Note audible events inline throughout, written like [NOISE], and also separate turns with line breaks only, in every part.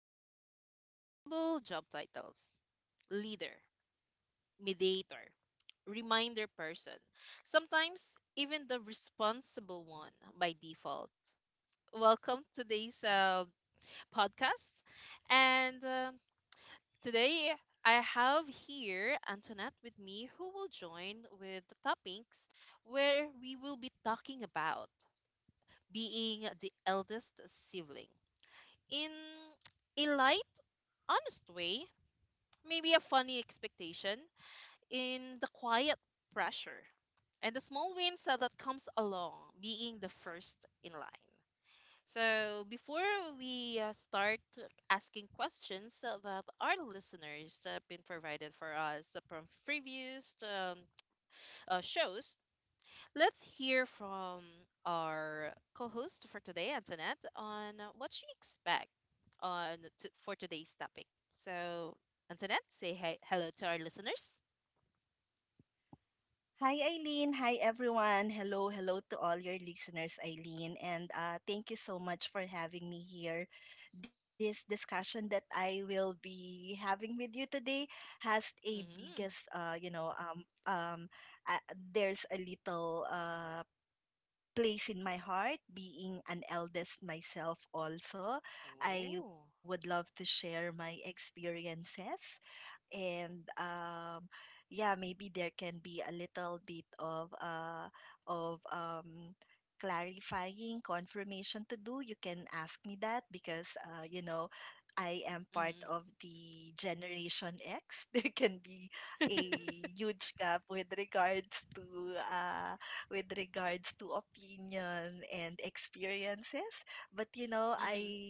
with invisible job titles: leader, mediator, reminder person, sometimes even the responsible one by default. Welcome to today's podcast. And Today I have here Antoinette with me, who will join with the topics where we will be talking about being the eldest sibling. In a light, honest way, maybe a funny expectation, in the quiet pressure and the small wins that comes along being the first in line. So before we start asking questions that our listeners have been provided for us from previous shows, let's hear from our co-host for today, Antoinette, on what she expects on for today's topic. So, Antoinette, say hello to our listeners. Mm-hmm. Oh. Mm-hmm. [LAUGHS] Mm-hmm.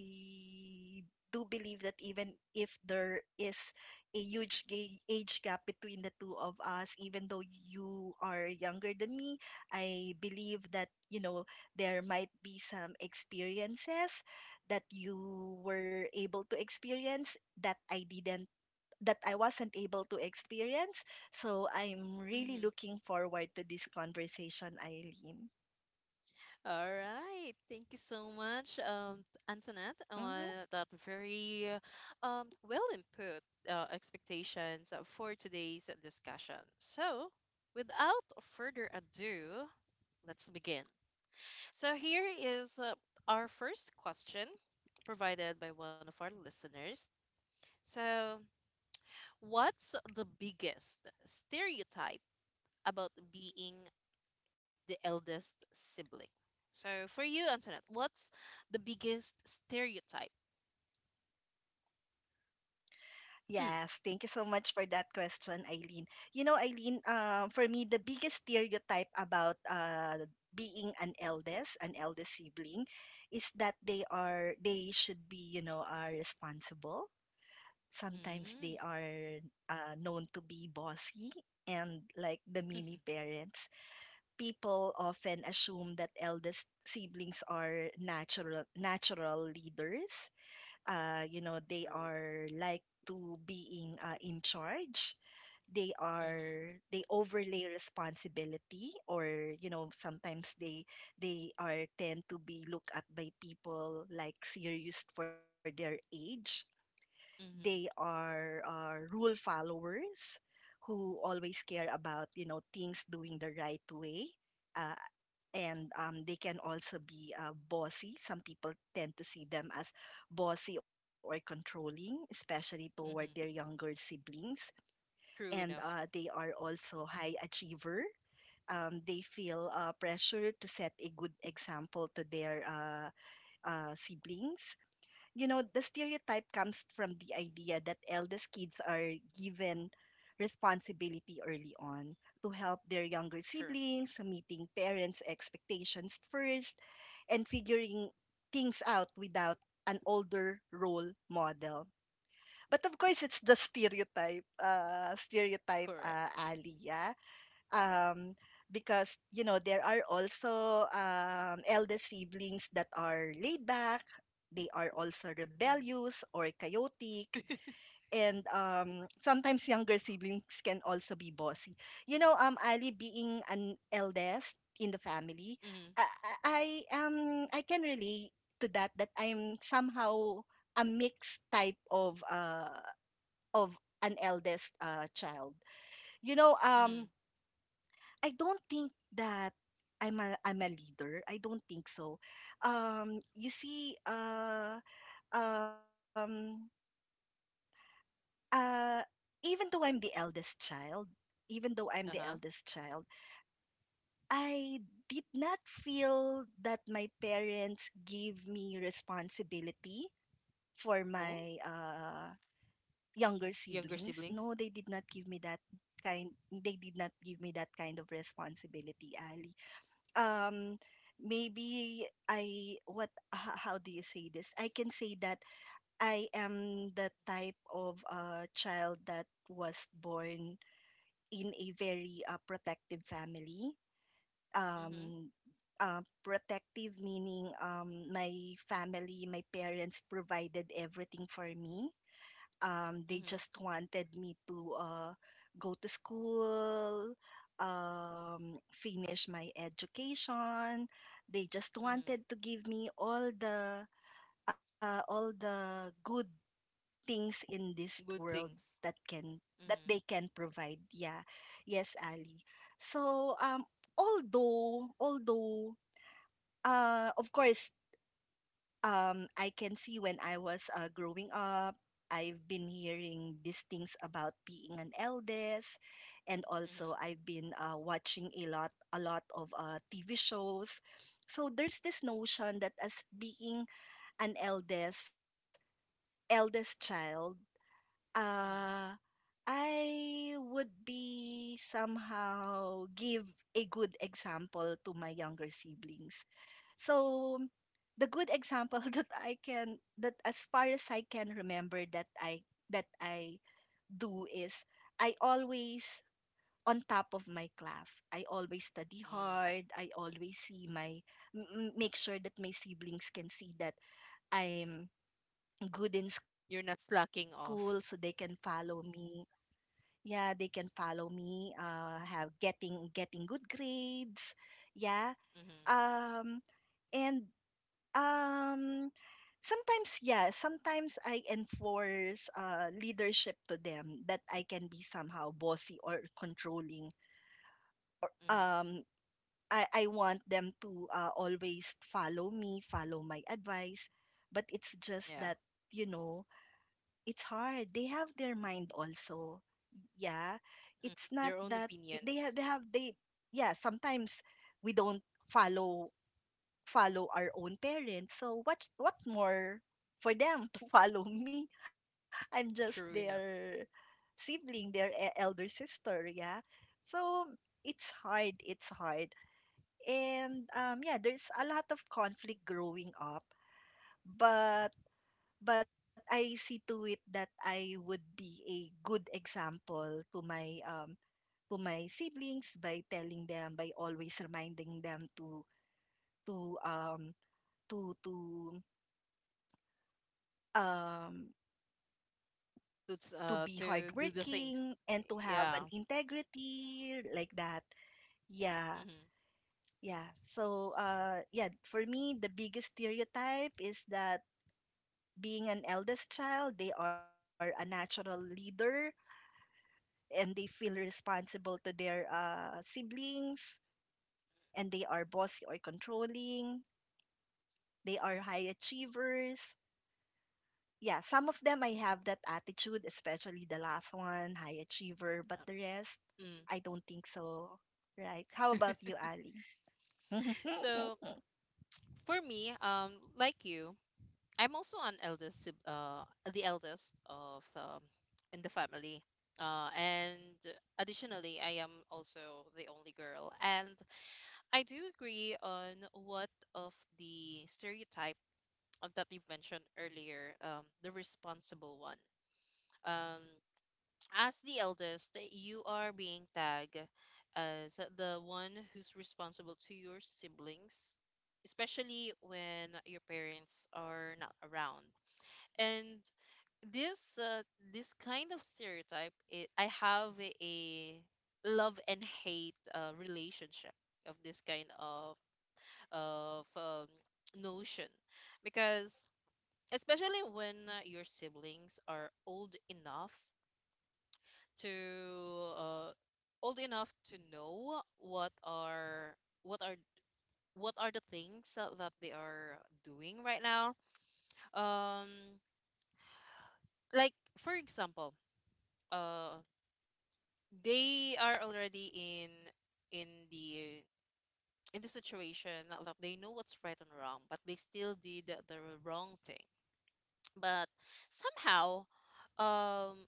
Mm-hmm. All right. Thank you so much, Antoinette, on that very well input expectations for today's discussion. So, without further ado, let's begin. So, here is our first question, provided by one of our listeners. So, what's the biggest stereotype about being the eldest sibling? So, for you, Antoinette, what's the biggest stereotype? hmm [LAUGHS] True. Mm-hmm. Mm-hmm. Mm-hmm. True enough. True. Correct. Mm-hmm. [LAUGHS] Mm-hmm. Uh-huh. Oh, younger siblings. Mm-hmm. Mm-hmm. Mm-hmm. Good things. Mm-hmm. Mm-hmm. Mm-hmm. Mm. You're not slacking off. Mm-hmm. Mm-hmm. Yeah. Mm. Their own opinions. True enough. To to do the things. Yeah. Mm-hmm. Uh, Mm. So for me, like you, I'm also an the eldest in the family. And additionally, I am also the only girl. And I do agree on what of the stereotype of that you've mentioned earlier, the responsible one. Um, as the eldest, you are being tagged as the one who's responsible to your siblings, especially when your parents are not around. And this uh, this kind of stereotype, I have a love and hate relationship of this kind of notion, because especially when your siblings are to uh, old enough to know what are what are the things that they are doing right now, um like for example, uh they are already in the in the situation that they know what's right and wrong, but they still did the wrong thing. But somehow, um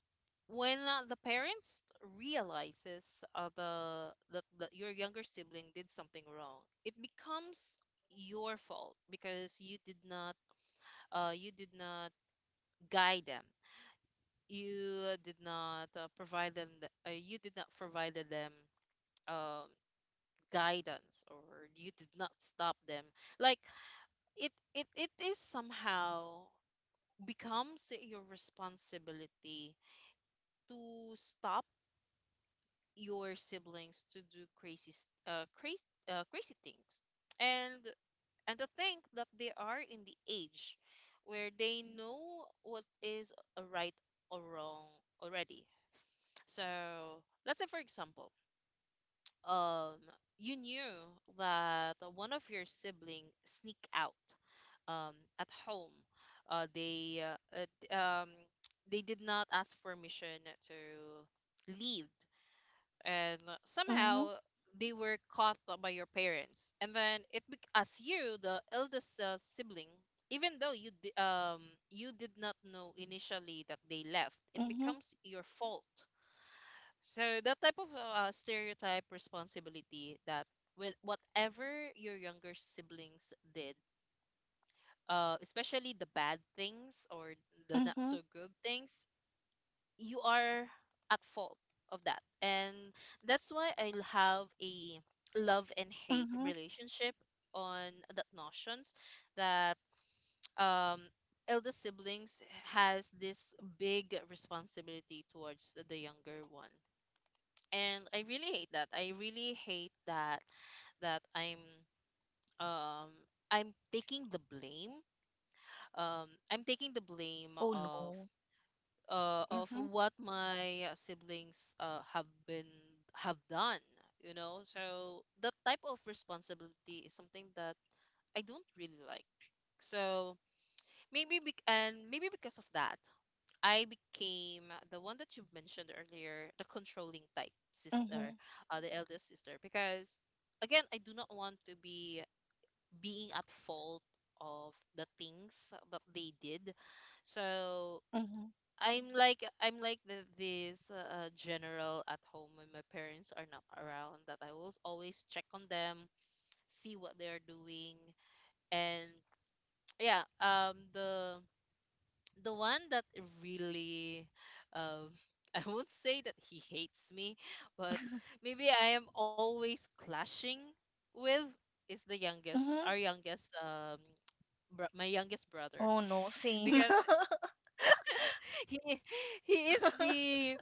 when the parents realizes that your younger sibling did something wrong, it becomes your fault, because you did not guide them, you did not you did not provide them um, guidance, or you did not stop them. Like it is somehow becomes your responsibility to stop your siblings to do crazy s- crazy crazy things. and and to think that they are in the age where they know what is a right or wrong already. So let's say for example, um you knew that one of your sibling sneak out at home, uh they uh, uh, d- um they did not ask permission to leave, and somehow
Mhm,
they were caught by your parents, and then as you the eldest sibling, even though you did not know initially that they left, it becomes
mhm,
your fault. So that type of stereotype responsibility, that with whatever your younger siblings did, especially the bad things or the not so
mhm,
good things, you are at fault of that. And that's why have a love and
mhm.
hate relationship on that notions, that [TSK] um elder siblings has this big responsibility towards the younger one. And I really hate that. I really hate that that um I'm taking the blame. I'm taking the blame
Oh, no.
of
Mhm,
what my siblings have done, you know. So that type of responsibility is something that I don't really like. So maybe because of that, I became the one that you mentioned earlier, the controlling type sister,
mhm,
the eldest sister, because again I do not want to be being at fault of the things that they did. So
mhm,
I'm like the, this general at home when my parents are not around, that I will always check on them, see what they are doing, and [TSK] yeah, the one that really, um, [LAUGHS] I won't say that he hates me, but maybe I am always clashing with is the youngest,
mhm.
our youngest, my youngest brother,
Oh, no, same. [LAUGHS]
because he [LAUGHS] he is the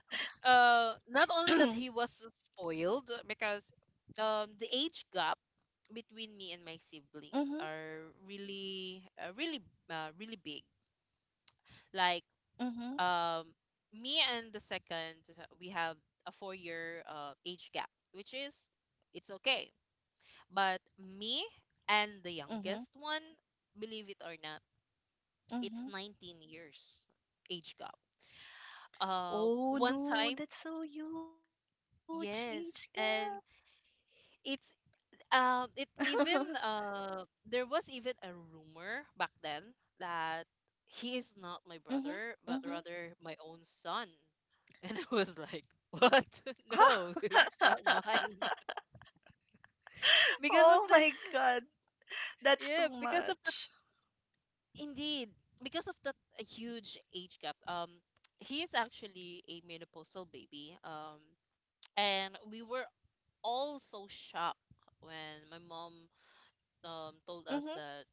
not only that
[CLEARS THROAT]
he was so spoiled, because the age gap between me and my
Mhm,
siblings are really big. Like,
mhm,
um me and the second, we have a 4 year age gap, which is it's okay. But me and the
mhm,
youngest one, believe it or not, it's
mhm.
19 years age gap.
Oh,
One time.
no, that's so huge,
Yes,
Ichika.
and it's
[LAUGHS]
it even there was even a rumor back then that he is not my
Mhm,
brother
mhm.
but rather my own son. [LAUGHS] And I was like, "What? [LAUGHS] No,
[LAUGHS]
he's not mine." [LAUGHS] Because of
Oh,
the
my God. That's
yeah,
too
because of the
much.
indeed, because of that huge age gap. He is actually a menopausal baby. And we were all so shocked when my mom
Mhm,
told us that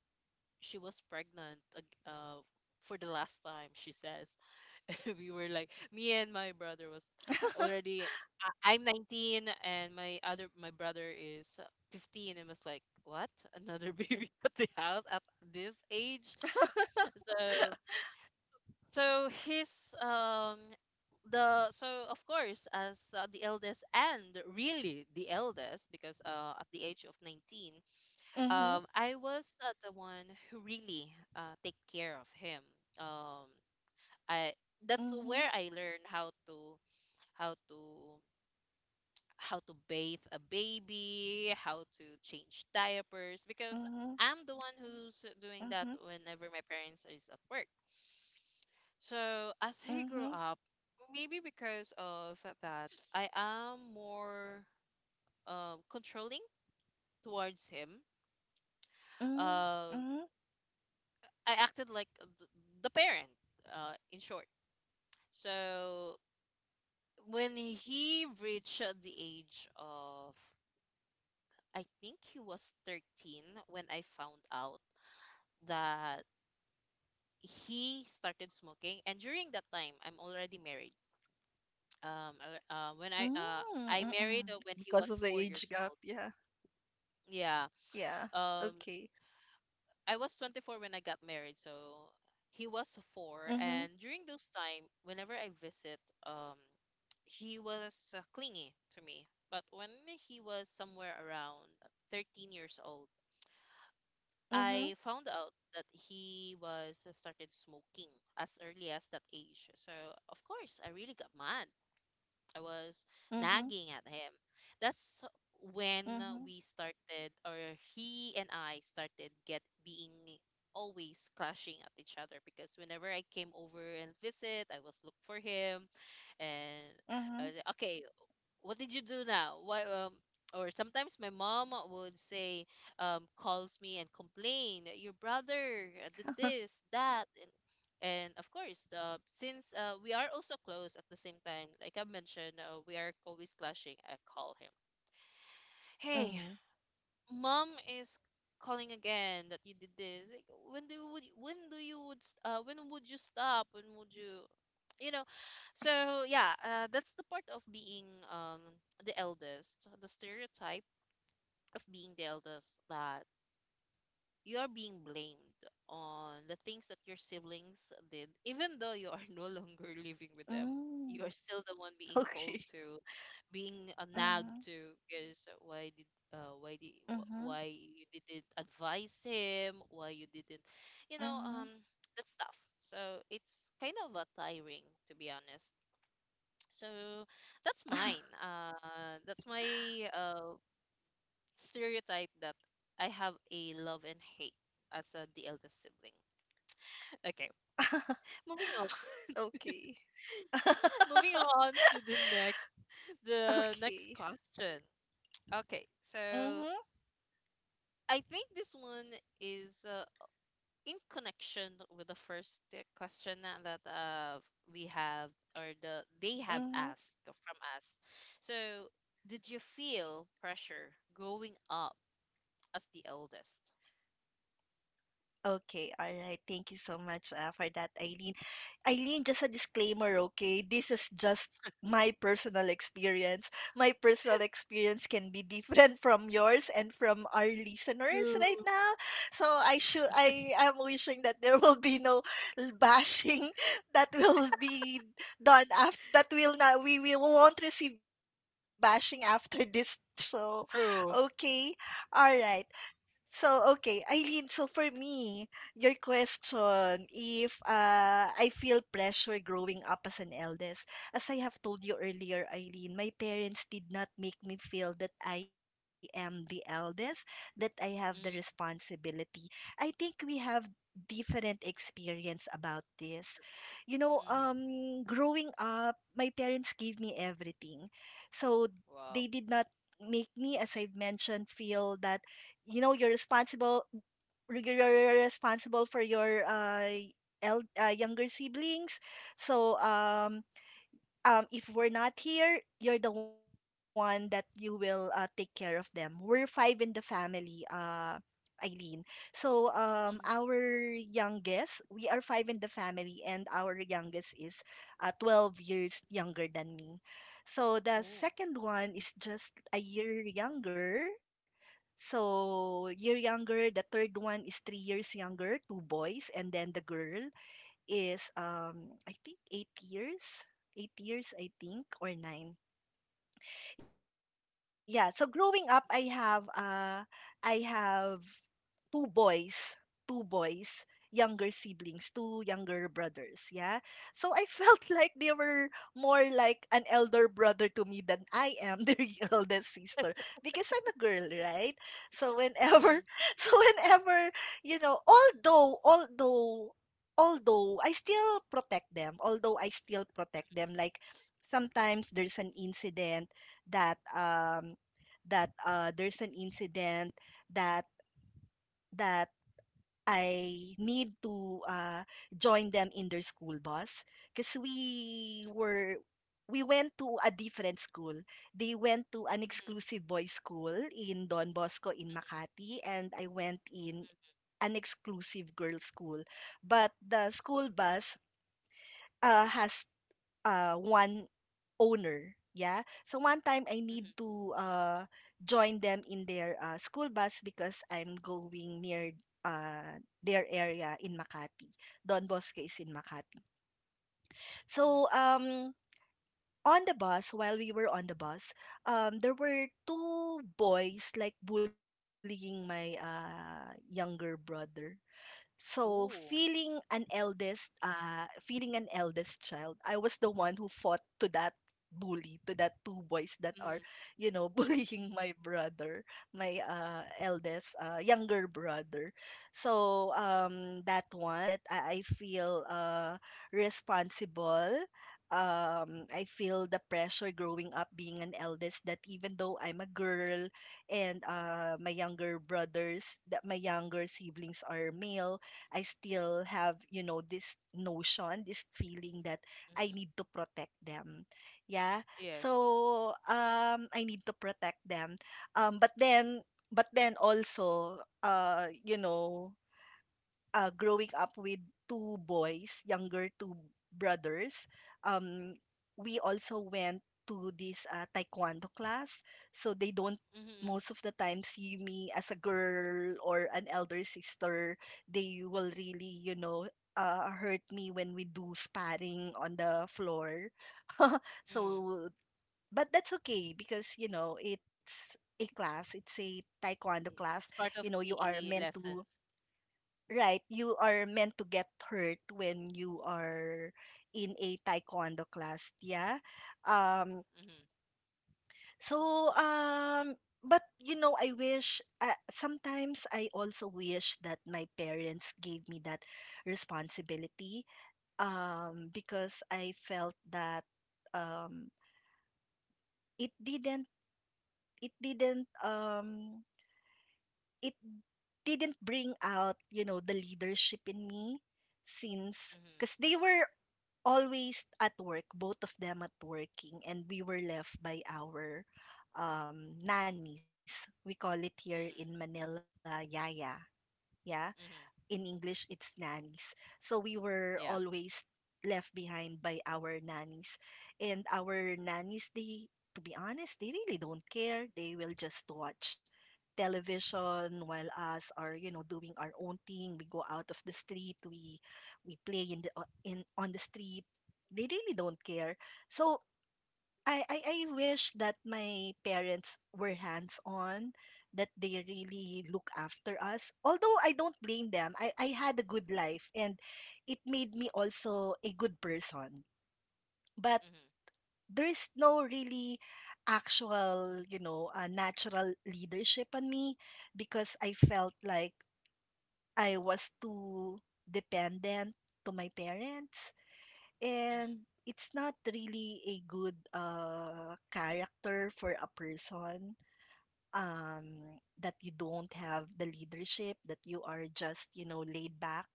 she was for the last time, she says. [LAUGHS] We were like, me and my brother was already, I- I'm 19, and my brother is 15, and was like, what? Another [LAUGHS] baby at the house at this age? So, so his, um, so of course, as the eldest, and really the eldest, because at the age of 19,
mhm,
I was the one who really take care of him. Um, I that's where
mhm,
I learned how to how to how to bathe a baby, how to change diapers, because
mhm,
I'm the one who's doing that
mhm,
whenever my parents is at work. So [LAUGHS] as he grew
mhm,
up, maybe because of that, I am more controlling towards him.
mhm,
Um,
mhm,
I acted like the parent, in short. So when he reached the age of, I think he was 13, when I found out that he started smoking. And during that time, I'm already married. Um, when I
mhm,
married
mhm.
when he
Because of the
was four
age
years
gap,
old.
yeah.
Yeah.
Yeah.
Um,
Okay.
I was 24 when I got married, so he was four. And
Mhm.
during those time, whenever I visit, um, he was clingy to me. But when he was somewhere around 13 years old, I
Mhm,
found out that he was started smoking as early as that age. So of course, I really got mad. I was
mhm,
nagging at him. That's when
mhm,
we started, or he and I started get being always clashing at each other, because whenever I came over and visit, I was look for him. And I was
mhm,
like, okay, what did you do now? Why or sometimes my mom would say calls me and complain your brother did this that. And of course the since we are also close at the same time, like I mentioned, we are always clashing. I call him, hey,
mhm,
mom is calling again that you did this. Like, when do you would when do you would st- when would you stop when would you you know. So yeah, that's the part of being um the eldest, the stereotype of being the eldest, that you are being blamed on the things that your siblings did, even though you are [LAUGHS] no longer living with them,
hmm.
you are still the one being
Okay.
called to, being nagged
Mhm,
to, because uh, why did
mhm,
why you didn't advise him, why you didn't, you know.
mhm.
That stuff. So it's kind of a tiring, to be honest. So that's
[LAUGHS]
mine. That's my stereotype, that I have a love and hate as the eldest sibling. [LAUGHS] Okay, moving on.
Okay.
[LAUGHS]
[LAUGHS]
Moving on to the next, the
Okay.
next question. Okay,
Mhm,
so I think this one is in connection with the first question that uh, we have or the they have
mhm.
asked from us. So, did you feel pressure growing up as the eldest?
Okay, all right. Thank you so much for that, Eileen. Eileen, just a disclaimer, okay? This is just my personal experience. My personal experience can be different [LAUGHS] from yours and from our listeners
True.
right now. So I am wishing that there will be no bashing [LAUGHS] that will be done after that will not we won't receive bashing after this show. Okay.
True.
All right. So okay, Eileen, so for me, your question if I feel pressure growing up as an eldest. As I have told you earlier, Eileen, my parents did not make me feel that I am the eldest, that I have the
Mm.
responsibility. I think we have different experience about this.
True.
You know,
Mm-hmm.
growing up, my parents gave me everything. So
Wow.
they did not make me, as I've mentioned, feel that you're responsible, you're responsible for your younger siblings, so if we're not here, you're the one that you will take care of them. We're five in the family, Eileen. So our
Mm-hmm.
youngest, we are five in the family, and our youngest is 12 years younger than me. So the
Ooh.
second one is just a year younger. So year younger, the third one is 3 years younger, two boys, and then the girl is I think 8 years. 8 years I think, or 9. Yeah, so growing up I have I have 2 boys, 2 boys, younger siblings, 2 younger brothers, yeah? So I felt [LAUGHS] like they were more like an elder brother to me than I am [LAUGHS] their eldest sister because I'm a girl, right? So
Mm-hmm.
whenever [LAUGHS] so whenever, you know, although although although I still protect them, like sometimes there's an incident that um that that that I need to join them in their school bus because we went to a different school. They went to an
Mm-hmm.
exclusive boys' school in Don Bosco in Makati, and I went in an exclusive girls' school. But the school bus has one owner, yeah? So one time I
Mm-hmm. Mm-hmm.
need to join them in their school bus because I'm going near their area in Makati. Don Bosque is in Makati.
Mm-hmm.
So on the bus, while we were on the bus, there were two boys like bullying my younger brother. So
Ooh.
feeling an eldest child, I was the one who fought to that bully, to that two boys that
Mm-hmm.
are, you know, [LAUGHS] bullying my brother, my younger brother. So that one that I feel responsible. I feel the pressure growing up being an eldest that even though I'm a girl, and my younger siblings are male, I still have, this notion, this feeling that I need
Mm-hmm.
to protect them. Yeah.
Yes.
So I need to protect them. But then also growing up with two boys, younger two brothers, um, we also went to this taekwondo class. So they don't
Mm-hmm.
most of the time see me as a girl or an elder sister. They will really, hurt me when we do sparring on the floor. [LAUGHS]
Mm-hmm.
So, but that's okay because, it's a class, it's a taekwondo class.
It's
You
part
know,
of
you are
the
meant to
lessons.
right, you are meant to get hurt when you are in a taekwondo class, yeah. Um,
Mm-hmm.
I wish sometimes I also wish that my parents gave me that responsibility, because I felt that um, it didn't it didn't um it didn't bring out, the leadership in me since
Mm-hmm.
because they were always at work, both of them at working, and we were left by our nannies. We call it here in
Mm-hmm.
Manila, yaya. Yeah? In English,
Mm-hmm.
it's nannies. So we were always
Yeah.
left behind by our nannies. And our nannies, to be honest, they really don't care. They will just watch television while us are, doing our own thing. We go out of the street. We play in the o- in on the street. They really don't care. So I wish that my parents were hands-on, that they really look after us. Although I don't blame them. I had a good life and it made me also a good person. But
Mm-hmm.
there's no really actual, natural leadership on me because I felt like I was too dependent to my parents. And
Mm-hmm.
it's not really a good character for a person, that you don't have the leadership, that you are just, laid back.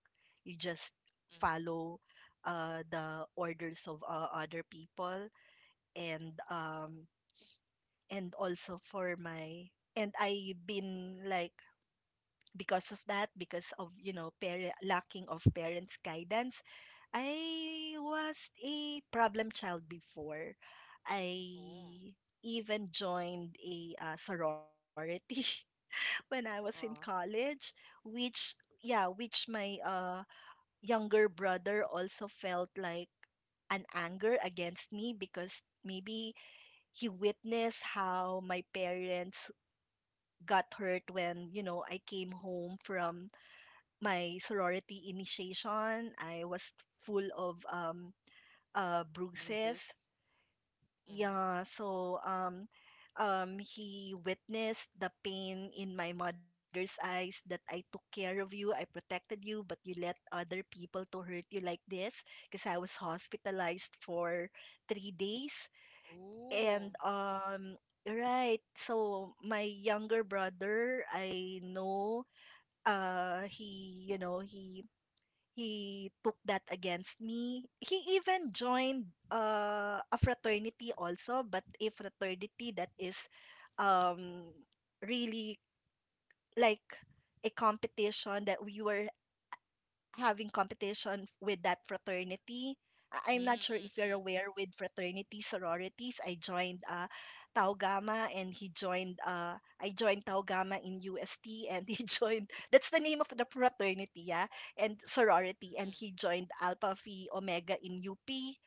You just
Mm-hmm.
follow the orders of other people. And also for my, and I've been like, because of that, because of you know parent lacking of parents guidance, I was a problem child before
Ooh.
I even joined a sorority [LAUGHS] when I was in
Uh,
college, which yeah which my younger brother also felt like an anger against me because maybe he witnessed how my parents got hurt when I came home from my sorority initiation. I was full of
bruises.
bruises.
Mm-hmm.
Yeah, so he witnessed the pain in my mother's eyes that I took care of you, I protected you, but you let other people to hurt you like this because I was hospitalized for 3 days.
Ooh.
And right, so my younger brother, I know, uh he you know he he took that against me. He even joined a fraternity also, but a fraternity that is um, really like a competition, that we were having competition with that fraternity. I'm not sure if you're
Mm-hmm.
aware with fraternity sororities. I joined Tau Gamma, and he joined, I joined Tau Gamma in UST and he [LAUGHS] joined, that's the name of the fraternity, yeah, and sorority. And he joined Alpha Phi Omega in UP.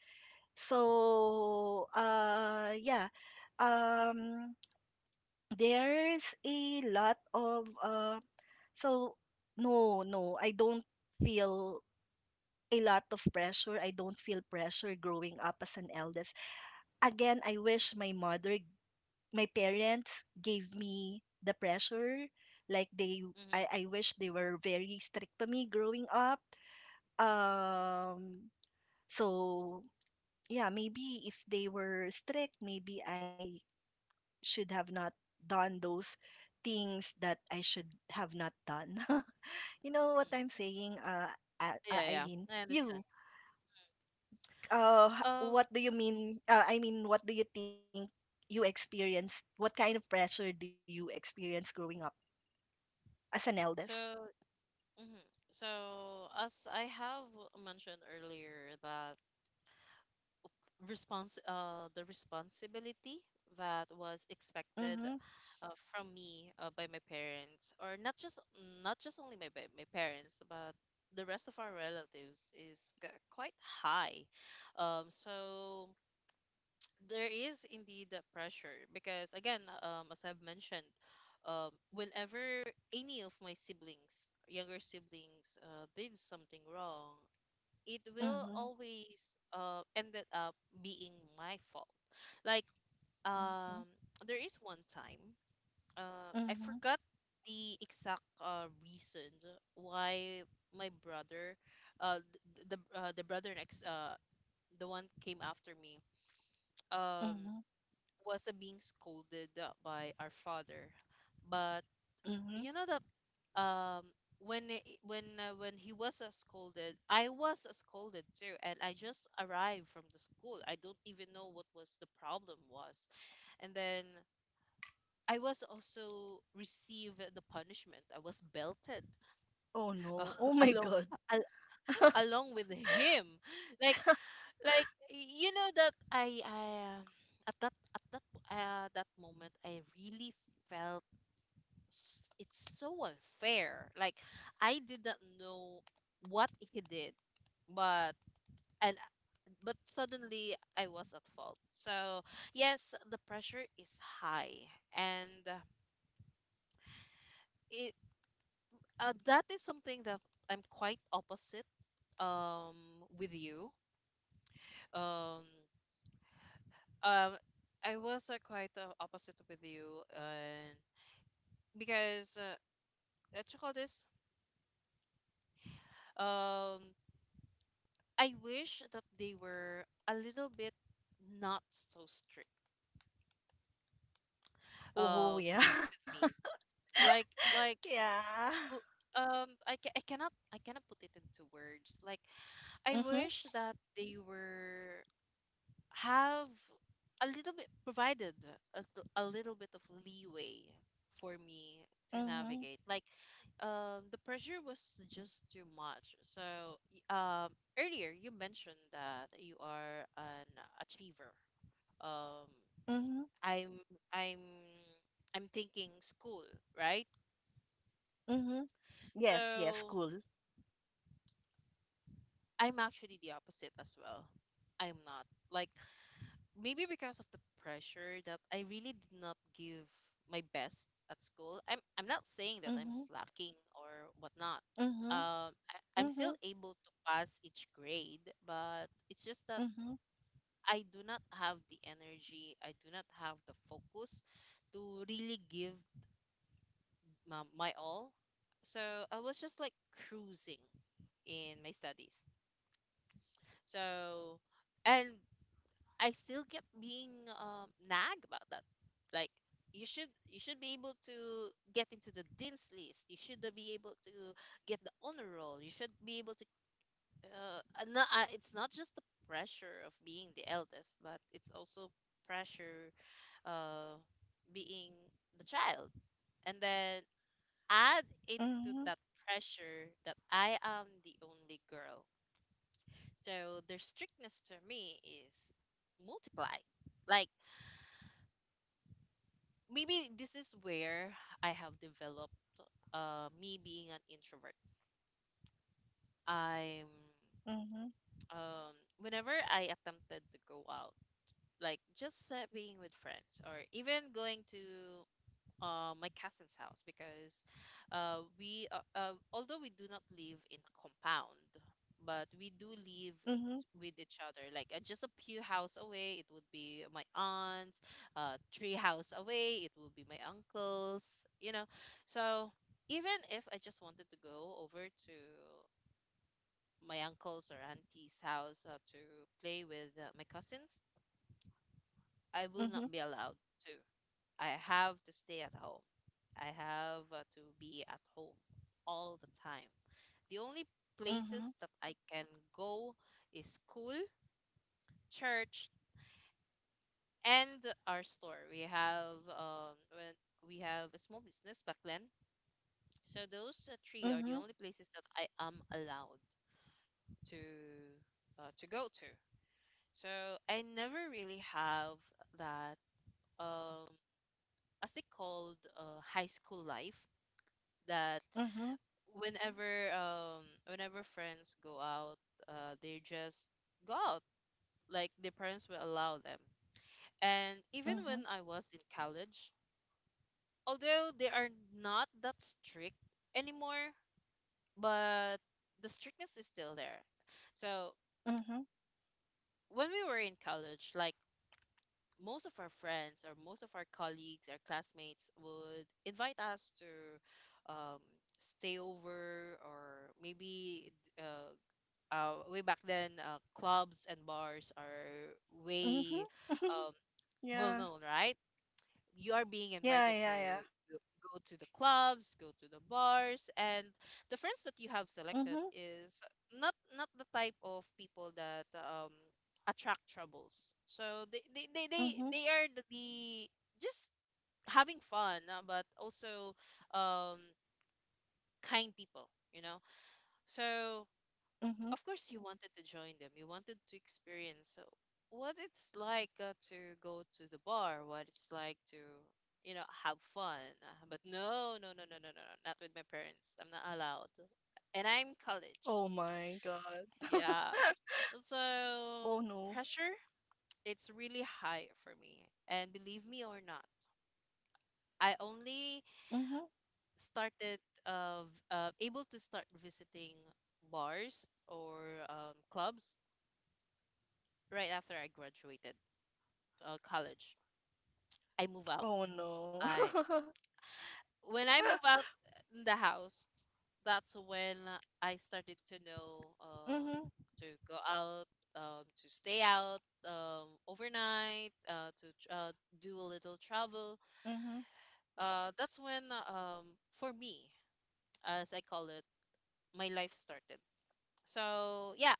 So, yeah, um, there's a lot of, so no, no, I don't feel a lot of pressure. I don't feel pressure growing up as an eldest. Again, I wish my parents gave me the pressure. Like they, I,
Mm-hmm.
I wish they were very strict to me growing up. Um, so yeah, maybe if they were strict, maybe I should have not done those things that I should have not done. [LAUGHS] You know what I'm
Mm-hmm.
saying,
Yeah, yeah.
Eileen?
I understand. Um,
What do you mean, I mean, what do you think you experienced, what kind of pressure do you experience growing up as an eldest?
so hmm So as I have mentioned earlier, that response the responsibility that was expected
Mhm.
from me by my parents, or not just only my my parents, but the rest of our relatives, is quite high. So there is indeed a pressure because again, as I've mentioned whenever any of my siblings younger siblings did something wrong, it will
Mhm.
always ended up being my fault. like um,
Mhm.
there is one time. I
Mhm.
forgot the exact reason why my brother uh, the brother next the one came after me um
Mhm.
was being scolded by our father. But
Mhm.
you know that when when he was scolded, I was scolded too, and I just arrived from the school. I don't even know what was the problem was, and then I was also received the punishment. I was belted
Oh,
[LAUGHS] uh,
no. Oh, my
along
God.
al- along with him, like you know that I um at that moment I really felt it's so unfair. Like I did not know what he did, but and but suddenly I was at fault. So yes, the pressure is high, and it that is something that I'm quite opposite um with you. Um, um, I was quite opposite with you, and because what you call this? Um, I wish that they were a little bit not so strict
Oh,
um
yeah.
with
[LAUGHS]
me. Like
Yeah.
l- I cannot put it into words. Like I
Mhm.
wish that they were have a little bit provided a little bit of leeway for me to
Mhm.
navigate. Like, the pressure was just too much. So y- um earlier you mentioned that you are an achiever. um
Mhm.
i'm i'm I'm thinking school, right?
Mhm. Yes, yes,
So
cool.
I'm actually the opposite as well. I'm not, like, maybe because of the pressure that I really did not give my best at school. I'm not saying that I'm
Mhm.
slacking or whatnot.
Mhm.
I'm
Mhm.
still able to pass each grade, but it's just that
Mhm.
I do not have the energy, I do not have the focus to really give my all. So I was just like cruising in my studies. So, and I still kept being nagged about that. Like, you should be able to get into the dean's list. You should be able to get the honor roll. You should be able to. No, it's not just the pressure of being the eldest, but it's also pressure uh, being the child. And then
Mhm.
add into that pressure that I am the only girl. So their strictness to me is multiply. Like maybe this is where I have developed me being an introvert. I'm
Mhm.
um, Whenever I attempted to go out, like just being with friends or even going to my cousin's house, because we although we do not live in a compound, but we do live
Mhm.
with each other, like just a few house away it would be my aunt's, three house away it would be my uncle's, you know. So even if I just wanted to go over to my uncle's or auntie's house to play with my cousins, I will
Mhm.
not be allowed to. I have to stay at home, I have to be at home all the time. The only
Mhm.
places that I can go is school, church, and our store. We have when we have a small business back then. So those three are
Mhm.
the only places that I am allowed to to go to. So I never really have that um as they called high school life, that
Mhm.
whenever friends go out, they just go out, like their parents will allow them. And even when
Mhm.
I was in college, although they are not that strict anymore, but the strictness is still there. So
Mhm.
when we were in college, like most of our friends or most of our colleagues, our classmates, would invite us to um, stay over, or maybe uh, way back then clubs and bars are
Mhm.
way um,
[LAUGHS]
well
Yeah.
known, right? You are being
Yeah,
invited
yeah, yeah.
to go to the clubs, go to the bars, and the friends that you have
Mhm,
selected is not, not the type of people that attract troubles. So
mhm,
they are the just having fun but also um, kind people, you know. So
mhm.
of course you wanted to join them, you wanted to experience what it's like to go to the bar, what it's like to, you know, have fun. But no, no, no, no, no, no, no, not with my parents. I'm not
Oh,
allowed.
my
And
God.
I'm college,
[LAUGHS]
yeah.
Oh, no.
So pressure, it's really high for me. And believe me or not, I
Mhm.
only started of able to start visiting bars or clubs right after I graduated college.
Oh,
I
no.
move out.
[LAUGHS]
I when I move out in the house, that's when
Mhm,
I started to know to go out, to stay out overnight, to do a
mhm.
little travel. That's when, um, for me, as I call it, my life started. So yeah,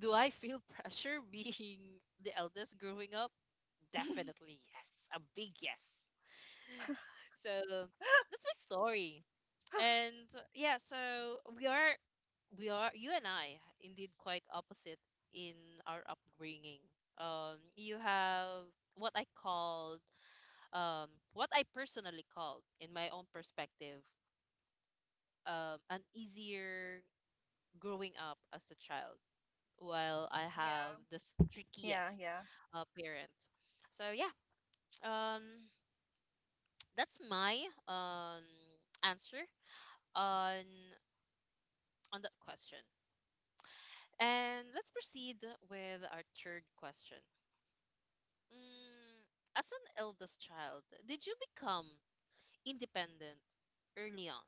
do I feel [LAUGHS] pressure being the eldest growing up?
[LAUGHS]
Definitely yes, a big yes. So that's my story. And yeah, so we are, we are, you and I indeed quite opposite in our upbringing. You have what I called, what I personally called in my own perspective, an easier growing up as a child,
Yeah,
while I have the
yeah, yeah.
trickiest parent. So yeah, um, [TSK] that's my um, answer on that question. And let's proceed with our third question. Mm, as an eldest child, did you become independent early on?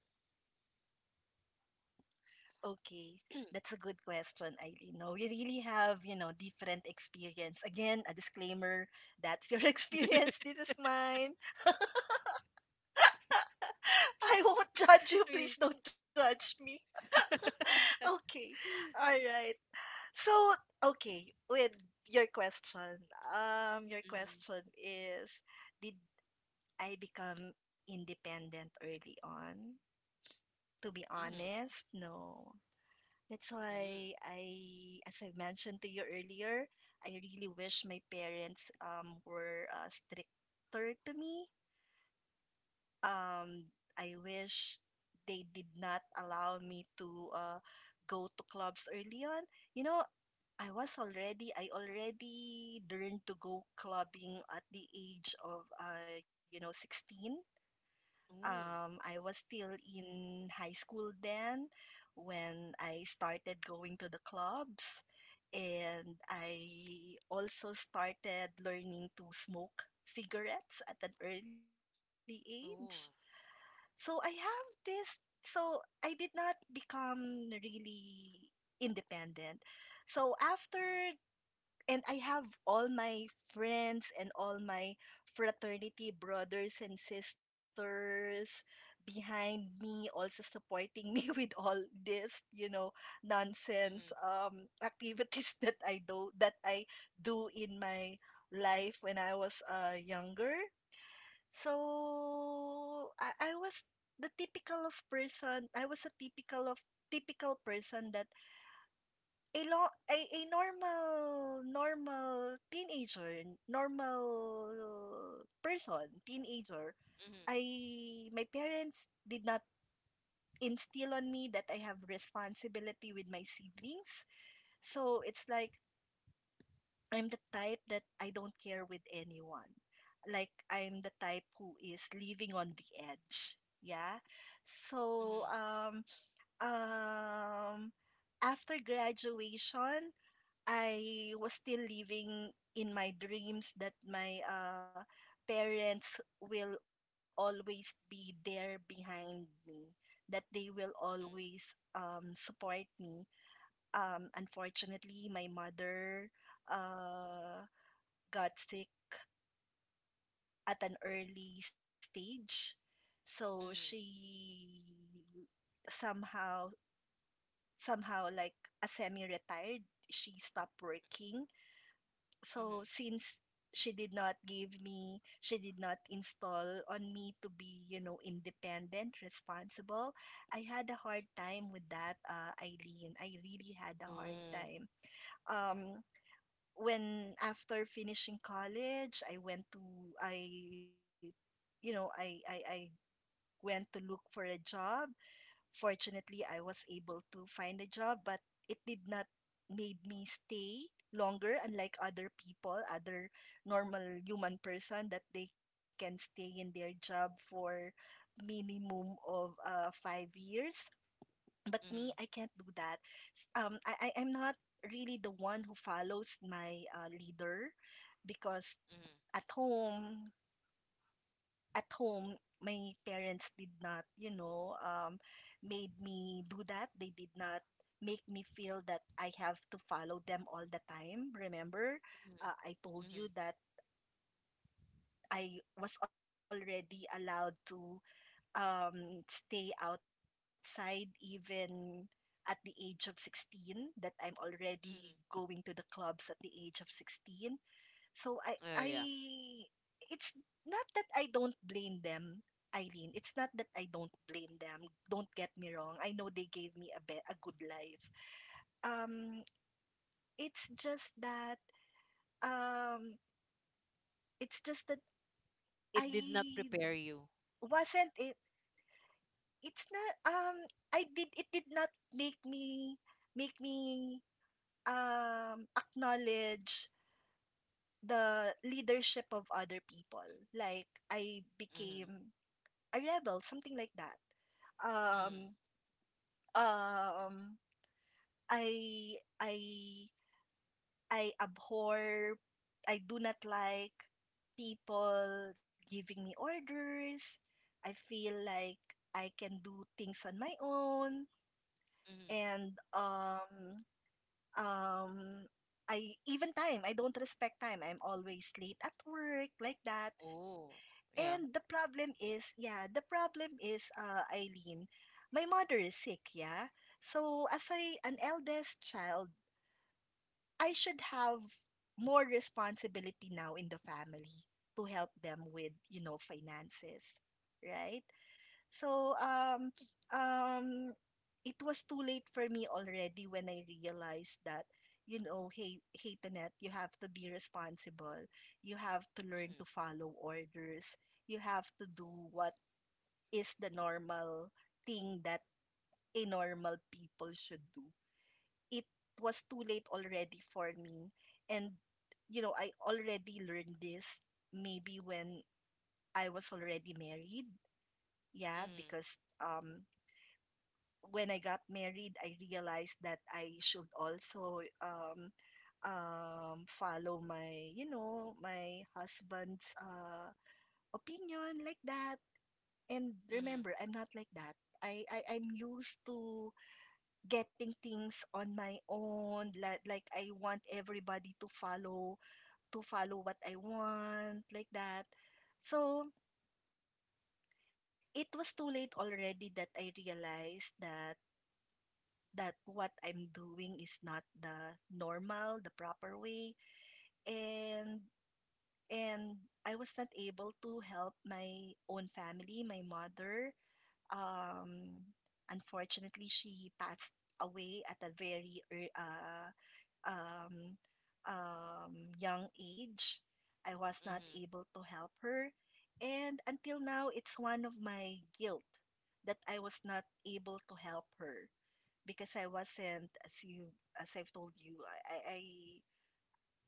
Okay. That's a good question, Eileen. No, we really have, different experience. Again, a disclaimer, that's your [LAUGHS] experience, this is mine. [LAUGHS] I won't judge you. Please
[LAUGHS]
don't judge me. [LAUGHS] Okay. All right. So, okay, with your question, your question is, did I become independent early on? To be honest,
Mm-hmm.
no. That's why
Mm-hmm.
as I mentioned to you earlier, I really wish my parents were stricter to me. I wish they did not allow me to go to clubs early on. You know, I already learned to go clubbing at the age of, 16.
Mm-hmm. Mm-hmm.
I was still in high school then when I started going to the clubs. And I also started learning to smoke cigarettes at an early age.
Oh.
So so I did not become really independent. So after And
Mm-hmm.
I have all my friends and all my fraternity brothers and sisters behind me, also supporting me [LAUGHS] with all this, nonsense activities [LAUGHS] that I do in my life when I was younger. So I was the typical of person. I was a typical person that a lo a normal teenager, normal person, teenager. I
Mm-hmm. Mm-hmm.
My parents did not instill on me that I have responsibility with my siblings. So it's like I'm the type that I don't care with anyone. Like I'm the type who is living on the edge. Yeah. So um after graduation, I was still living in my dreams that my parents will always be there behind me, that they will always support me. Unfortunately, my mother uh, got sick at an early stage, so
Mm-hmm.
she somehow somehow like a semi-retired. She stopped working. So
Mm-hmm.
since she did not install on me to be, independent, responsible, I had a hard time with that, Eileen. I really had a hard time.
Oh.
um when after finishing college, I went to I you know I went to look for a job. Fortunately, I was able to find a job, but it did not made me stay longer, unlike other people, other normal human person that they can stay in their job for minimum of 5 years. But me, I can't do
Mm-hmm.
that. I'm not really the one who follows my leader, because at
Mm-hmm.
home at home, my parents did not, made me do that. They did not make me feel that I have to follow them all the time. Remember, I told
Mm-hmm.
you that
Mm-hmm. Mm-hmm.
I was already allowed to stay outside even at the age of 16, that I'm already going to the clubs at
Mm-hmm,
the
mm-hmm.
age of 16. So I
Oh,
It's
yeah.
not that I don't blame them, Eileen. It's not that I don't blame them. Don't get me wrong. I know they gave me a good life. Um, it's just that um, it's just that I
It did not prepare you.
wasn't it. It's not. I did It did not make me acknowledge the leadership of other people. Like I
Mm-hmm.
became a rebel, something like that.
Mm-hmm.
Um, um, I, I, I abhor, I do not like people giving me orders. I feel like I can do things on my own.
Mm-hmm.
And um, I don't respect time. I'm always late at work, like that.
Oh.
And the
Yeah.
problem is, yeah, the problem is, Eileen, my mother is sick, yeah. So as I an eldest child, I should have more responsibility now in the family to help them with, finances, right? So, um, it was too late for me already when I realized that, hey, hey, Tanet, you have to be responsible. You have to learn to
Mm-hmm.
follow orders. You have to do what is the normal thing that a normal people should do. It was too late already for me. And, I already learned this maybe when I was already married. Yeah, because
Mm-hmm.
when I got married, I realized that I should also follow my husband's opinion like that. And remember, I'm
Mm-hmm.
not like that. I'm used to getting things on my own. Like, I want everybody to follow what I want like that. So it was too late already that I realized that what I'm doing is not the normal, the proper way. And and I was not able to help my own family, my mother. Um, Unfortunately, she passed away at a very um, young age. I was not able to
Mm-hmm.
help
Mm-hmm.
her. And until now, it's one of my guilt that I was not able to help her because I wasn't, as I've told you, I, I, I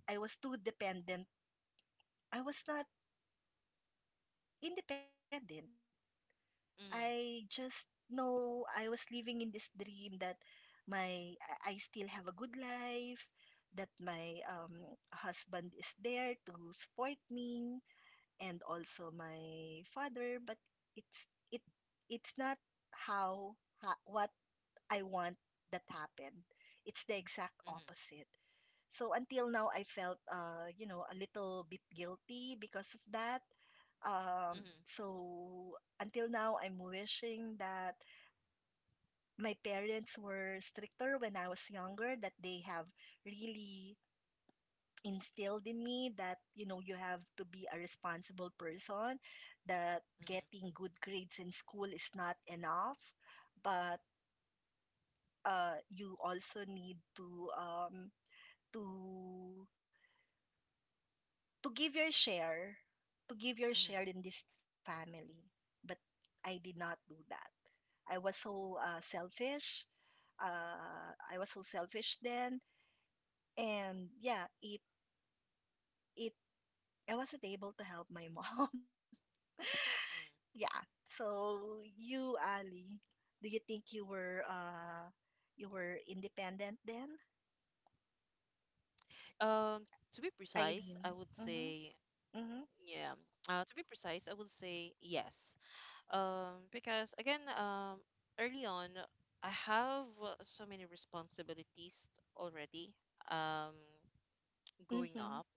I was too dependent. I was not independent. I just
Mm-hmm,
know I was living in this dream that my I still have a good life, that my husband is there to support me, and also my father. But it's it it's not what I want that happened. It's the exact opposite.
mm-hmm.
So until now, I felt, a little bit guilty because of that. Um,
Mhm,
so until now, I'm wishing that my parents were stricter when I was younger, that they have really instilled in me that, you have to be a responsible person, that getting
mhm,
good grades in school is not enough, but you also need to to give your share, to give your share in this
mhm,
family. But I did not do that. I was so selfish. I was so selfish then, and yeah, it I wasn't able to help my mom. [LAUGHS] Yeah.
mhm.
So you, Ali, do you think you were independent then,
Um, to be
Eileen?
precise, I would
Mhm.
say
Mhm.
yeah. To be precise, I would say yes. Because again, early on, I have so many responsibilities already. Um,
Mhm.
Growing up,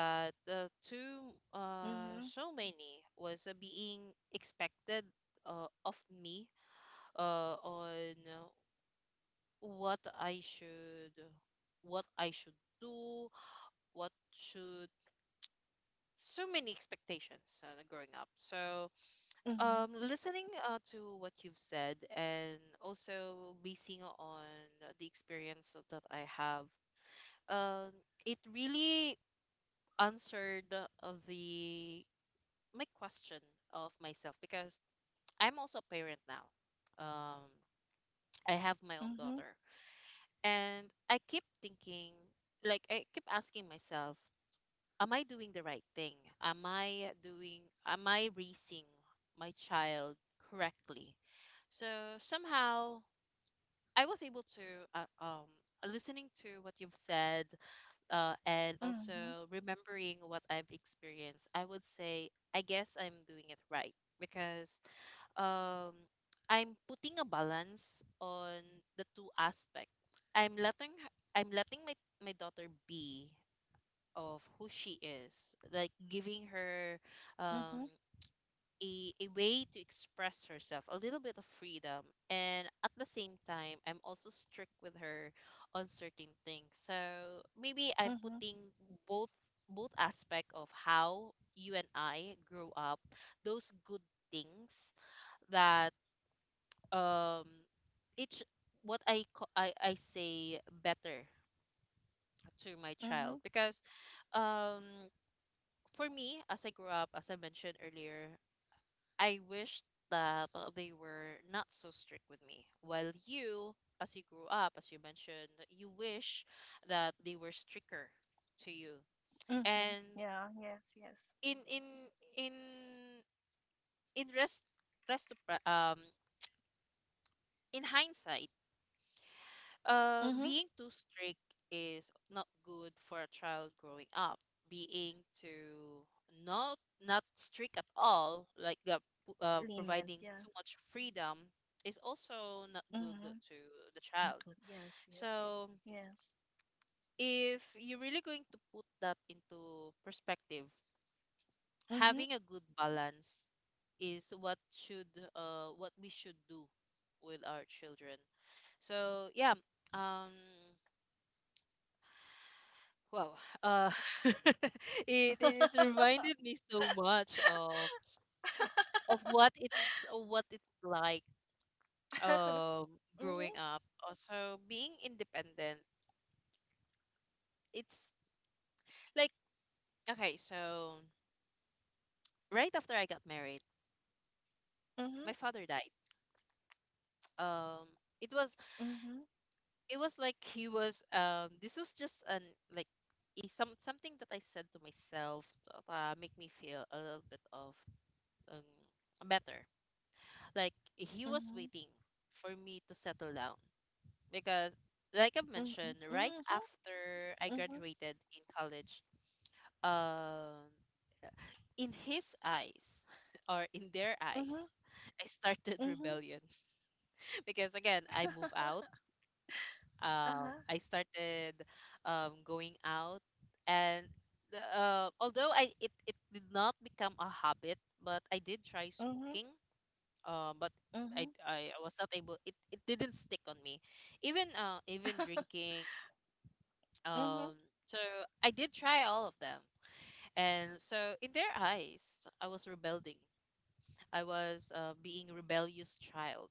that
Mhm.
so many was being expected of me on what I should, what I should do, what should, so many expectations growing up. So
Mhm.
listening to what you've said, and also basing on the experience that I have, um, it really answered the my question of myself, because I'm also a parent now. I have
Mhm.
my own daughter. And I keep thinking, like I keep asking myself, am I doing the right thing? Am I doing am I raising my child correctly? So somehow I was able to uh, um listening to what you've said and
Mhm.
also remembering what I've experienced, I would say I guess I'm doing it right, because um, I'm putting a balance on the two aspects. I'm letting my daughter be of who she is, like giving her
Mhm.
um, a way to express herself, a little bit of freedom, and at the same time, I'm also strict with her on certain things. So maybe I'm
Mhm.
putting both both aspect of how you and I grow up, those good things that um each what I say better to my
Mhm,
child. Because um for me, as I grew up, as I mentioned earlier, I wish that they were not so strict with me, while you, as you grew up, as you mentioned, you wish that they were stricter to you.
mhm.
And
Yeah, yes, yes.
in in in in rest rest um in hindsight,
Mhm.
being too strict is not good for a child growing up. Being too, not not strict at all, like
Lenient, yeah.
providing too much freedom, is also not
Mhm.
good to
Not
the
good.
child.
Yes, yes, yeah.
So
Yes.
if you're really going to put that into perspective,
Mhm.
having a good balance is what should what we should do with our children. So yeah, um wow. Uh, [LAUGHS] it, it it reminded me so much of what it's, what it's like
Mhm,
um growing up. Also being independent. It's like, okay, so right after I got married,
mhm,
my father died. Um it
mhm,
was, it was like he was this was just an, like a, something that I said to myself that make me feel a little bit of better. Like
mhm,
he was waiting for me to settle down, because like I have mentioned,
mhm,
right after
mhm,
I graduated in college, um in his eyes [LAUGHS] or in their
mhm, mhm,
eyes, I started
mhm.
rebellion. [LAUGHS] Because again, I move
[LAUGHS]
out.
[LAUGHS]
I started going out and although it did not become a habit, but I did try
Uh-huh.
smoking, but
Mhm,
I was not able, it didn't stick on me, even even
mhm.
drinking.
Mhm,
um so I did try all of them, and so in their eyes I was rebelling. I was, being rebellious child,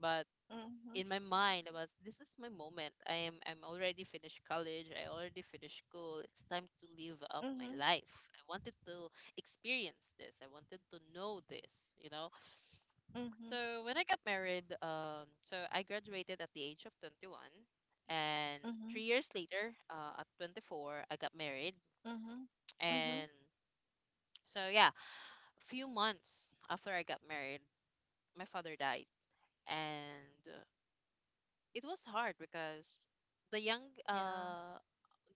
but
mhm,
in my mind, I was, this is my moment. I'm already finished college, I already finished school, it's time to live up my
mhm,
life. I wanted to experience this, I wanted to know this. So when I got married, so I graduated at the age of 21, and
mhm,
three
mhm,
years later, at 24, I got married.
mhm,
And
mhm.
so yeah, a few months after I got married, my father died, and it was hard because the young,
Yeah.
uh,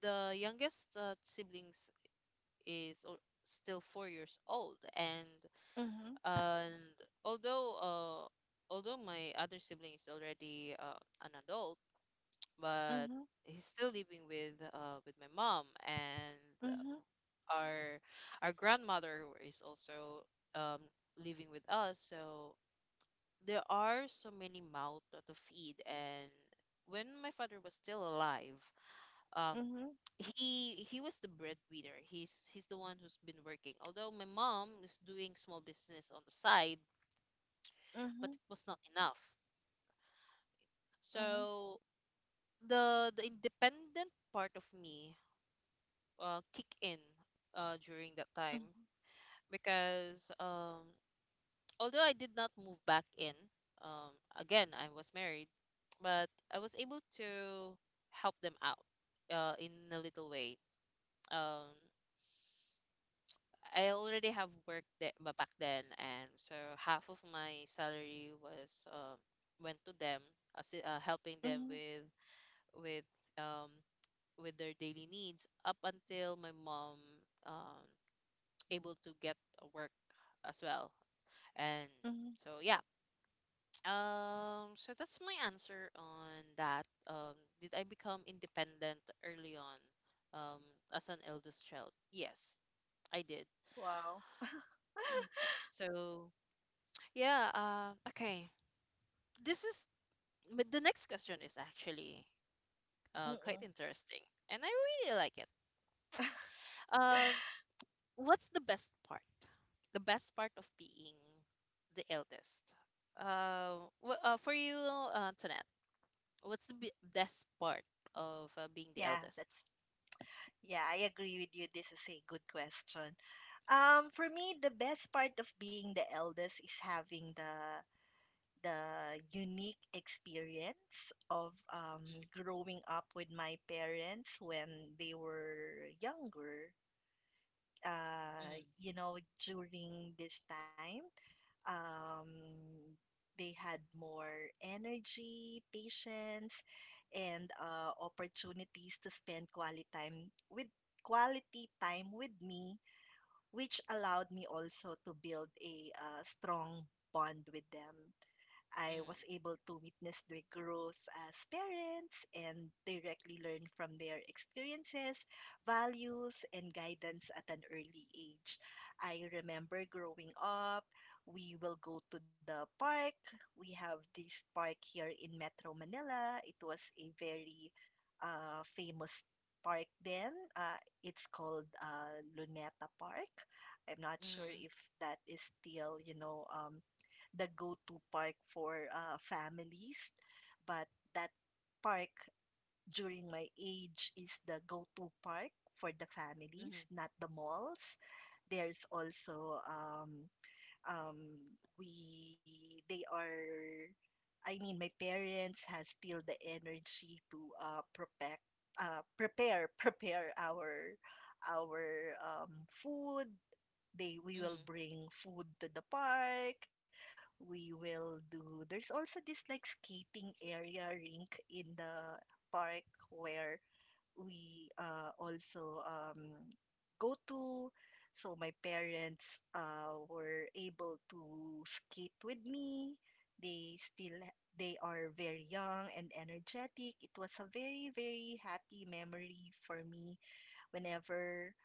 the youngest siblings is still 4 years old, and
Mhm,
and although uh, although my other sibling is already an adult, but
mhm,
he's still living with my mom and
mhm,
our our grandmother, who is also um living with us. So there are so many mouths to feed, and when my father was still alive, um
mhm,
he was the breadwinner. He's the one who's been working. Although my mom is doing small business on the side, but
mhm,
it was not enough.
mhm,
So the independent part of me, kick in during that time,
mhm,
because although I did not move back in, um, again, I was married, but I was able to help them out, in a little way. Um, I already have work that back then, and so half of my salary was, went to them, helping them
mhm,
with um, with their daily needs, up until my mom, Um, able to get a work as well. And
mhm.
so yeah, so that's my answer on that. Did I become independent early on, um, as an eldest child? Yes, I did.
Wow. [LAUGHS]
So yeah, okay. This is but the next question is actually, quite
Mm.
interesting, and I really like it. Um, what's the best part? The best part of being the eldest. Wh- for you, Tonette, what's the best part of, being the
Yeah,
eldest?
that's yeah, I agree with you. This is a good question. For me, the best part of being the eldest is having the unique experience of growing up with my parents when they were younger.
Mm, mm,
Uh, you know, During this time, um, they had more energy, patience, and opportunities to spend quality time with me, which allowed me also to build a strong bond with them. I was able to witness their growth as parents and directly learn from their experiences, values, and guidance at an early age. I remember growing up, we will go to the park. We have this park here in Metro Manila. It was a very famous park then. It's called Luneta Park. I'm not
mm.
sure if that is still the go-to park for families, but that park during my age is the go-to park for the
Hmm.
families, not the malls. There's also um, we they are I mean my parents has still the energy to prepare [LAUGHS] prepare our our food. They We
Hmm.
will bring food to the park. We will do There's also this like skating area rink in the park where we also go to. So my parents were able to skate with me. They still they are very young and energetic. It was a very, very happy memory for me whenever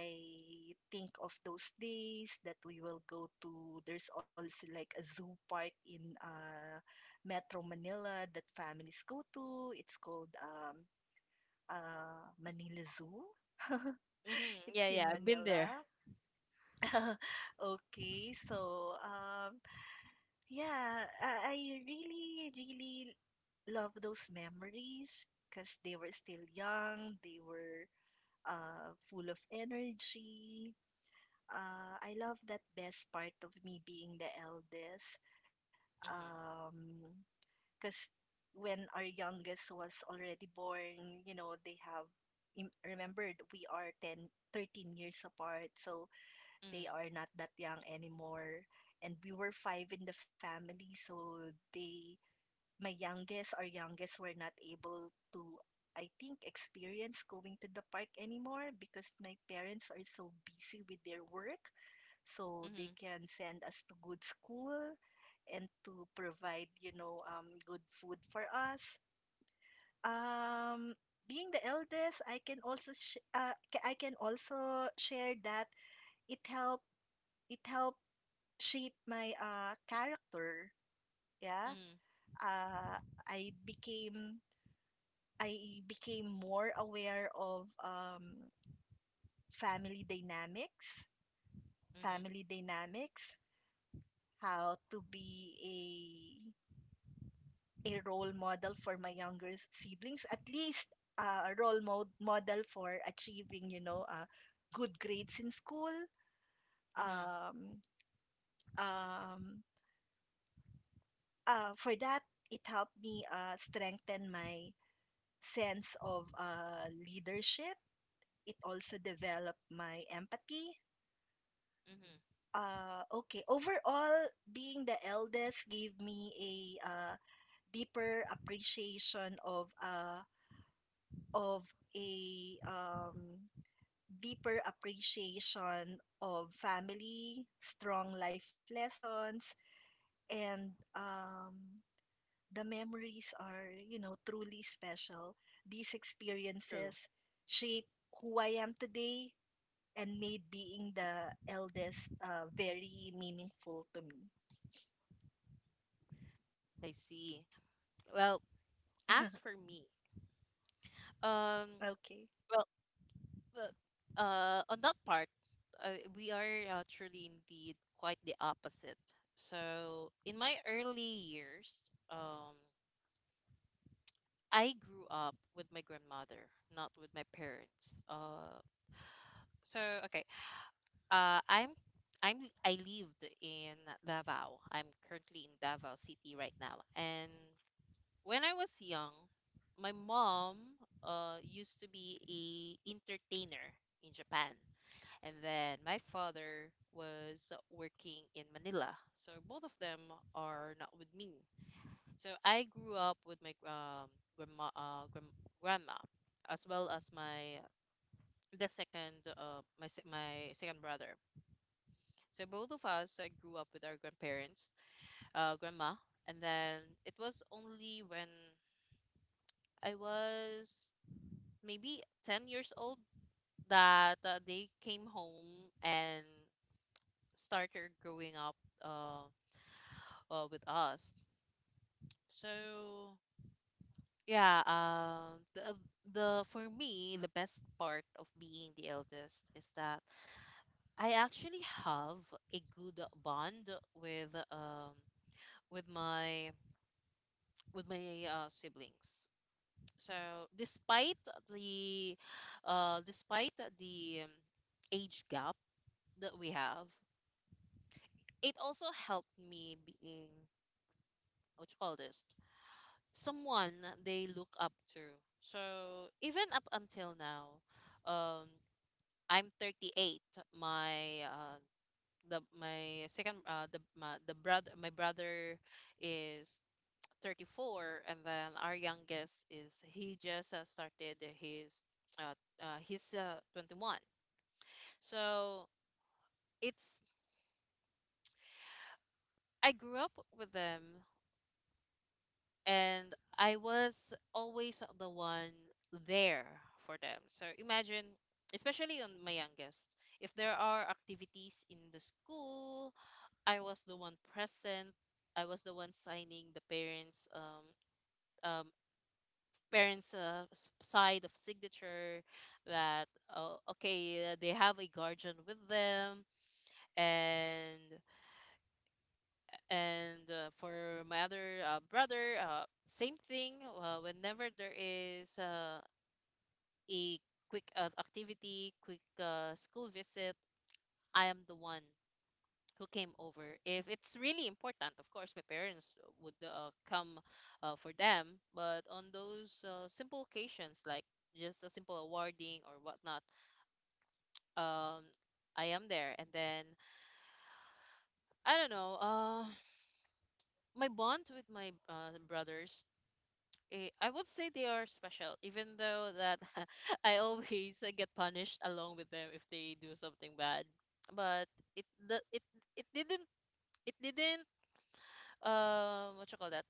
I think of those days that we will go to. There's also like a zoo park in Metro Manila that families go to. It's called Manila Zoo. [LAUGHS]
Hmm.
It's
Yeah, yeah,
in
I've been there.
Manila. [LAUGHS] Okay, so yeah, I really, really love those memories because they were still young. They were full of energy. I love that best part of me being the eldest.
Hmm.
Um, because when our youngest was already born, they have remembered we are 10, 13 years apart, so they
Hmm.
are not that young anymore. And we were five in the family, so our youngest were not able to, I think, experience going to the park anymore because my parents are so busy with their work. So
Hmm.
they can send us to good school and to provide, good food for us. Um, Being the eldest, I can also I can also share that it helped it helped shape my character. Yeah.
Hmm.
I became more aware of family dynamics,
Hmm.
family dynamics, how to be a role model for my younger siblings, at least model for achieving, good grades in school.
Hmm.
Um, um, for that, it helped me strengthen my sense of leadership. It also developed my empathy.
Hmm.
Okay. Overall, being the eldest gave me a uh, deeper appreciation of of a um, deeper appreciation of family, strong life lessons, and the memories are, truly special. These
True.
experiences shape who I am today and made being the eldest very meaningful to me.
I see. Well, as
[LAUGHS]
for me, um,
Okay.
well, Well, on that part, we are actually indeed quite the opposite. So, in my early years, um, I grew up with my grandmother, not with my parents. So okay, uh, I'm I'm I lived in Davao. I'm currently in Davao City right now. And when I was young, my mom used to be a entertainer in Japan, and then my father was working in Manila. So both of them are not with me. So I grew up with my, grandma, grandma, as well as my the second my se- my second brother. So both of us, grew up with our grandparents, grandma, and then it was only when I was maybe 10 years old that, they came home and started growing up, Uh, with us. So yeah, the for me, the best part of being the eldest is that I actually have a good bond with, with my with my, siblings. So despite the despite the, age gap that we have, it also helped me being, what you call this, someone they look up to. So even up until now, um, I'm 38. My the my second the my, the brother my brother is 34, and then our youngest is he just started his uh, he's 21. So it's, I grew up with them, and I was always the one there for them. So imagine, especially on my youngest, if there are activities in the school, I was the one present. I was the one signing the um, parents' side of signature, that okay, they have a guardian with them, and. And for my other brother, same thing. Whenever there is a quick activity, quick school visit, I am the one who came over. If it's really important, of course, my parents would come for them. But on those simple occasions, like just a simple awarding or whatnot, um, I am there. And then I don't know. My bond with my brothers, I would say they are special, even though that [LAUGHS] I always get punished along with them if they do something bad. But it the, it it didn't it didn't what you call that?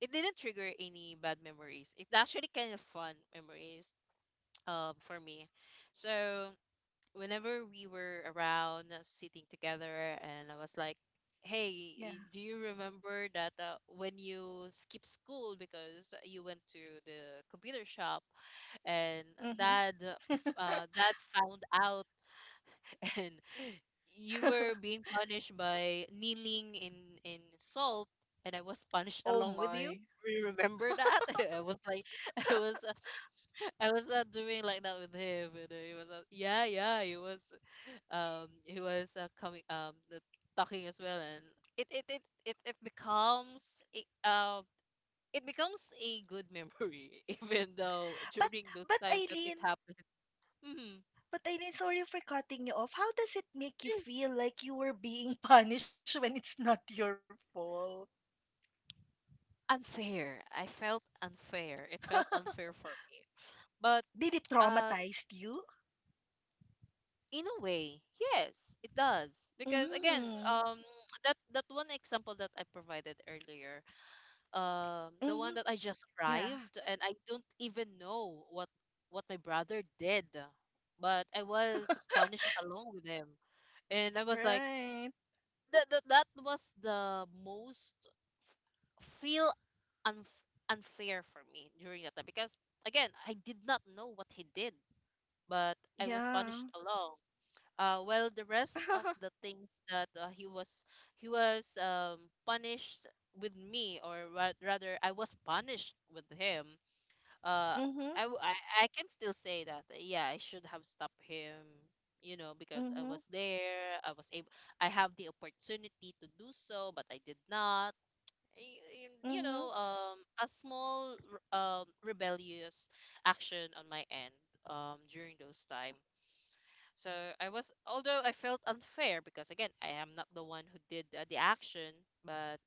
It didn't trigger any bad memories. It's actually kind of fun memories, for me. So whenever we were around, sitting together, and I was like, hey,
Yeah.
do you remember that, when you skipped school because you went to the computer shop, and
Mm-hmm.
dad found out, [LAUGHS] and you were
[LAUGHS]
being punished by kneeling in salt, and I was punished
Oh
along with
my.
you? Do you remember that? [LAUGHS] I was like [LAUGHS] I was uh, I was doing like that with him, and he was yeah, yeah, he was, coming, talking as well, and it it becomes a good memory, [LAUGHS] even though
But
during those
but
times that it
Eileen,
happened. Mhm.
but Eileen, sorry for cutting you off. How does it make you
Yeah.
feel like you were being [LAUGHS] punished when it's not your fault?
Unfair. I felt unfair. It felt
[LAUGHS]
unfair for me. But
Did it
uh,
traumatize you?
in a way, yes, it does. Because again,
Mm.
that one example that I provided earlier, the one
Mm-hmm.
that I just
Yeah.
arrived and I don't even know what my brother did, but I was punished along with him, and I was like,
Right.
that was the most feel, unf unfair for me during that time, because again, I did not know what he did, but I was punished
Yeah.
along. Well, the rest of the
[LAUGHS]
things that he was punished with me, or ra rather I was punished with him, uh I, w-
Mm-hmm.
I can still say that, yeah, I should have stopped him, you know, because I was
Mm-hmm.
there, I was able, I have the opportunity to do so, but I did not. You
Mm-hmm.
know, a small rebellious action on my end, during those time. So I was although I felt unfair, because again, I am not the one who did the action, but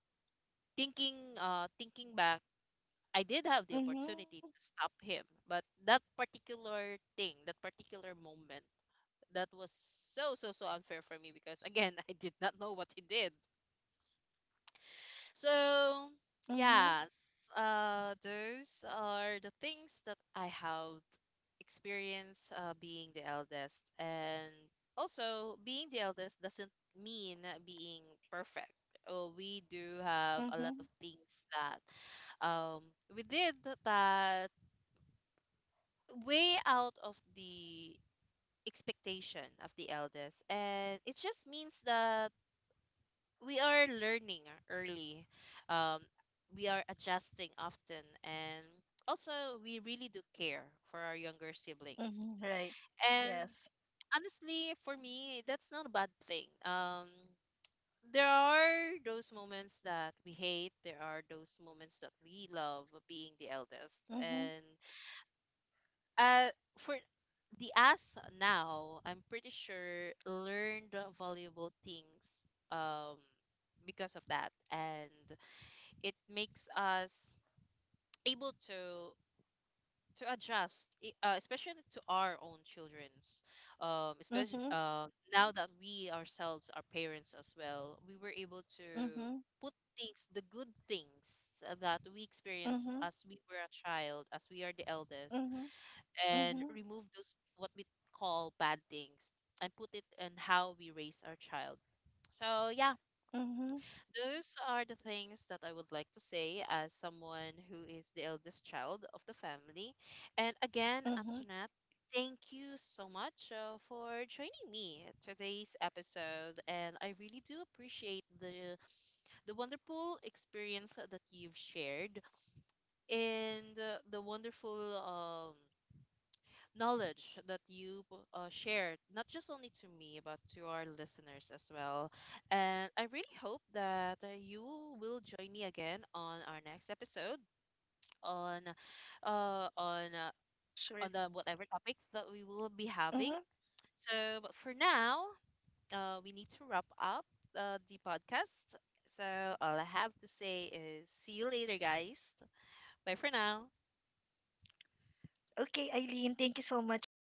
thinking, thinking back, I did have the
Mm-hmm.
opportunity to stop him, but that particular thing, that particular moment, that was so so so unfair for me, because again, [LAUGHS] I did not know what he did. So,
Mm-hmm.
yeah, those are the things that I have experienced, being the eldest, and also being the eldest doesn't mean being perfect. Oh, we do have a lot of
Mm-hmm.
things that, um, we did that way out of the expectation of the eldest, and it just means that we are learning early, um, we are adjusting often, and also we really do care for our younger siblings,
Mm-hmm. Right.
and
Yes.
honestly for me, that's not a bad thing. There are those moments that we hate, there are those moments that we love being the eldest,
Mm-hmm.
and uh, for the us now, I'm pretty sure learned valuable things, um because of that, and it makes us able to adjust, especially to our own children's, especially,
Mm-hmm.
now that we ourselves are parents as well, we were able to
Mm-hmm.
put things, the good things that we experience
Mm-hmm.
as we were a child, as we are the eldest,
Mm-hmm.
and
Mm-hmm.
remove those, what we call bad things, and put it in how we raise our child. So yeah,
Mm-hmm.
those are the things that I would like to say as someone who is the eldest child of the family. And again,
Mhm,
Antoinette, thank you so much, for joining me at today's episode. And I really do appreciate the wonderful experience that you've shared, and the wonderful, knowledge that you, shared, not just only to me, but to our listeners as well. And I really hope that, you will join me again on our next episode on, uh, on uh, on
sure.
the whatever topic that we will be having.
Mhm.
So, but for now, we need to wrap up, the podcast. So all I have to say is, see you later, guys. Bye for now.
Okay, Eileen, thank you so much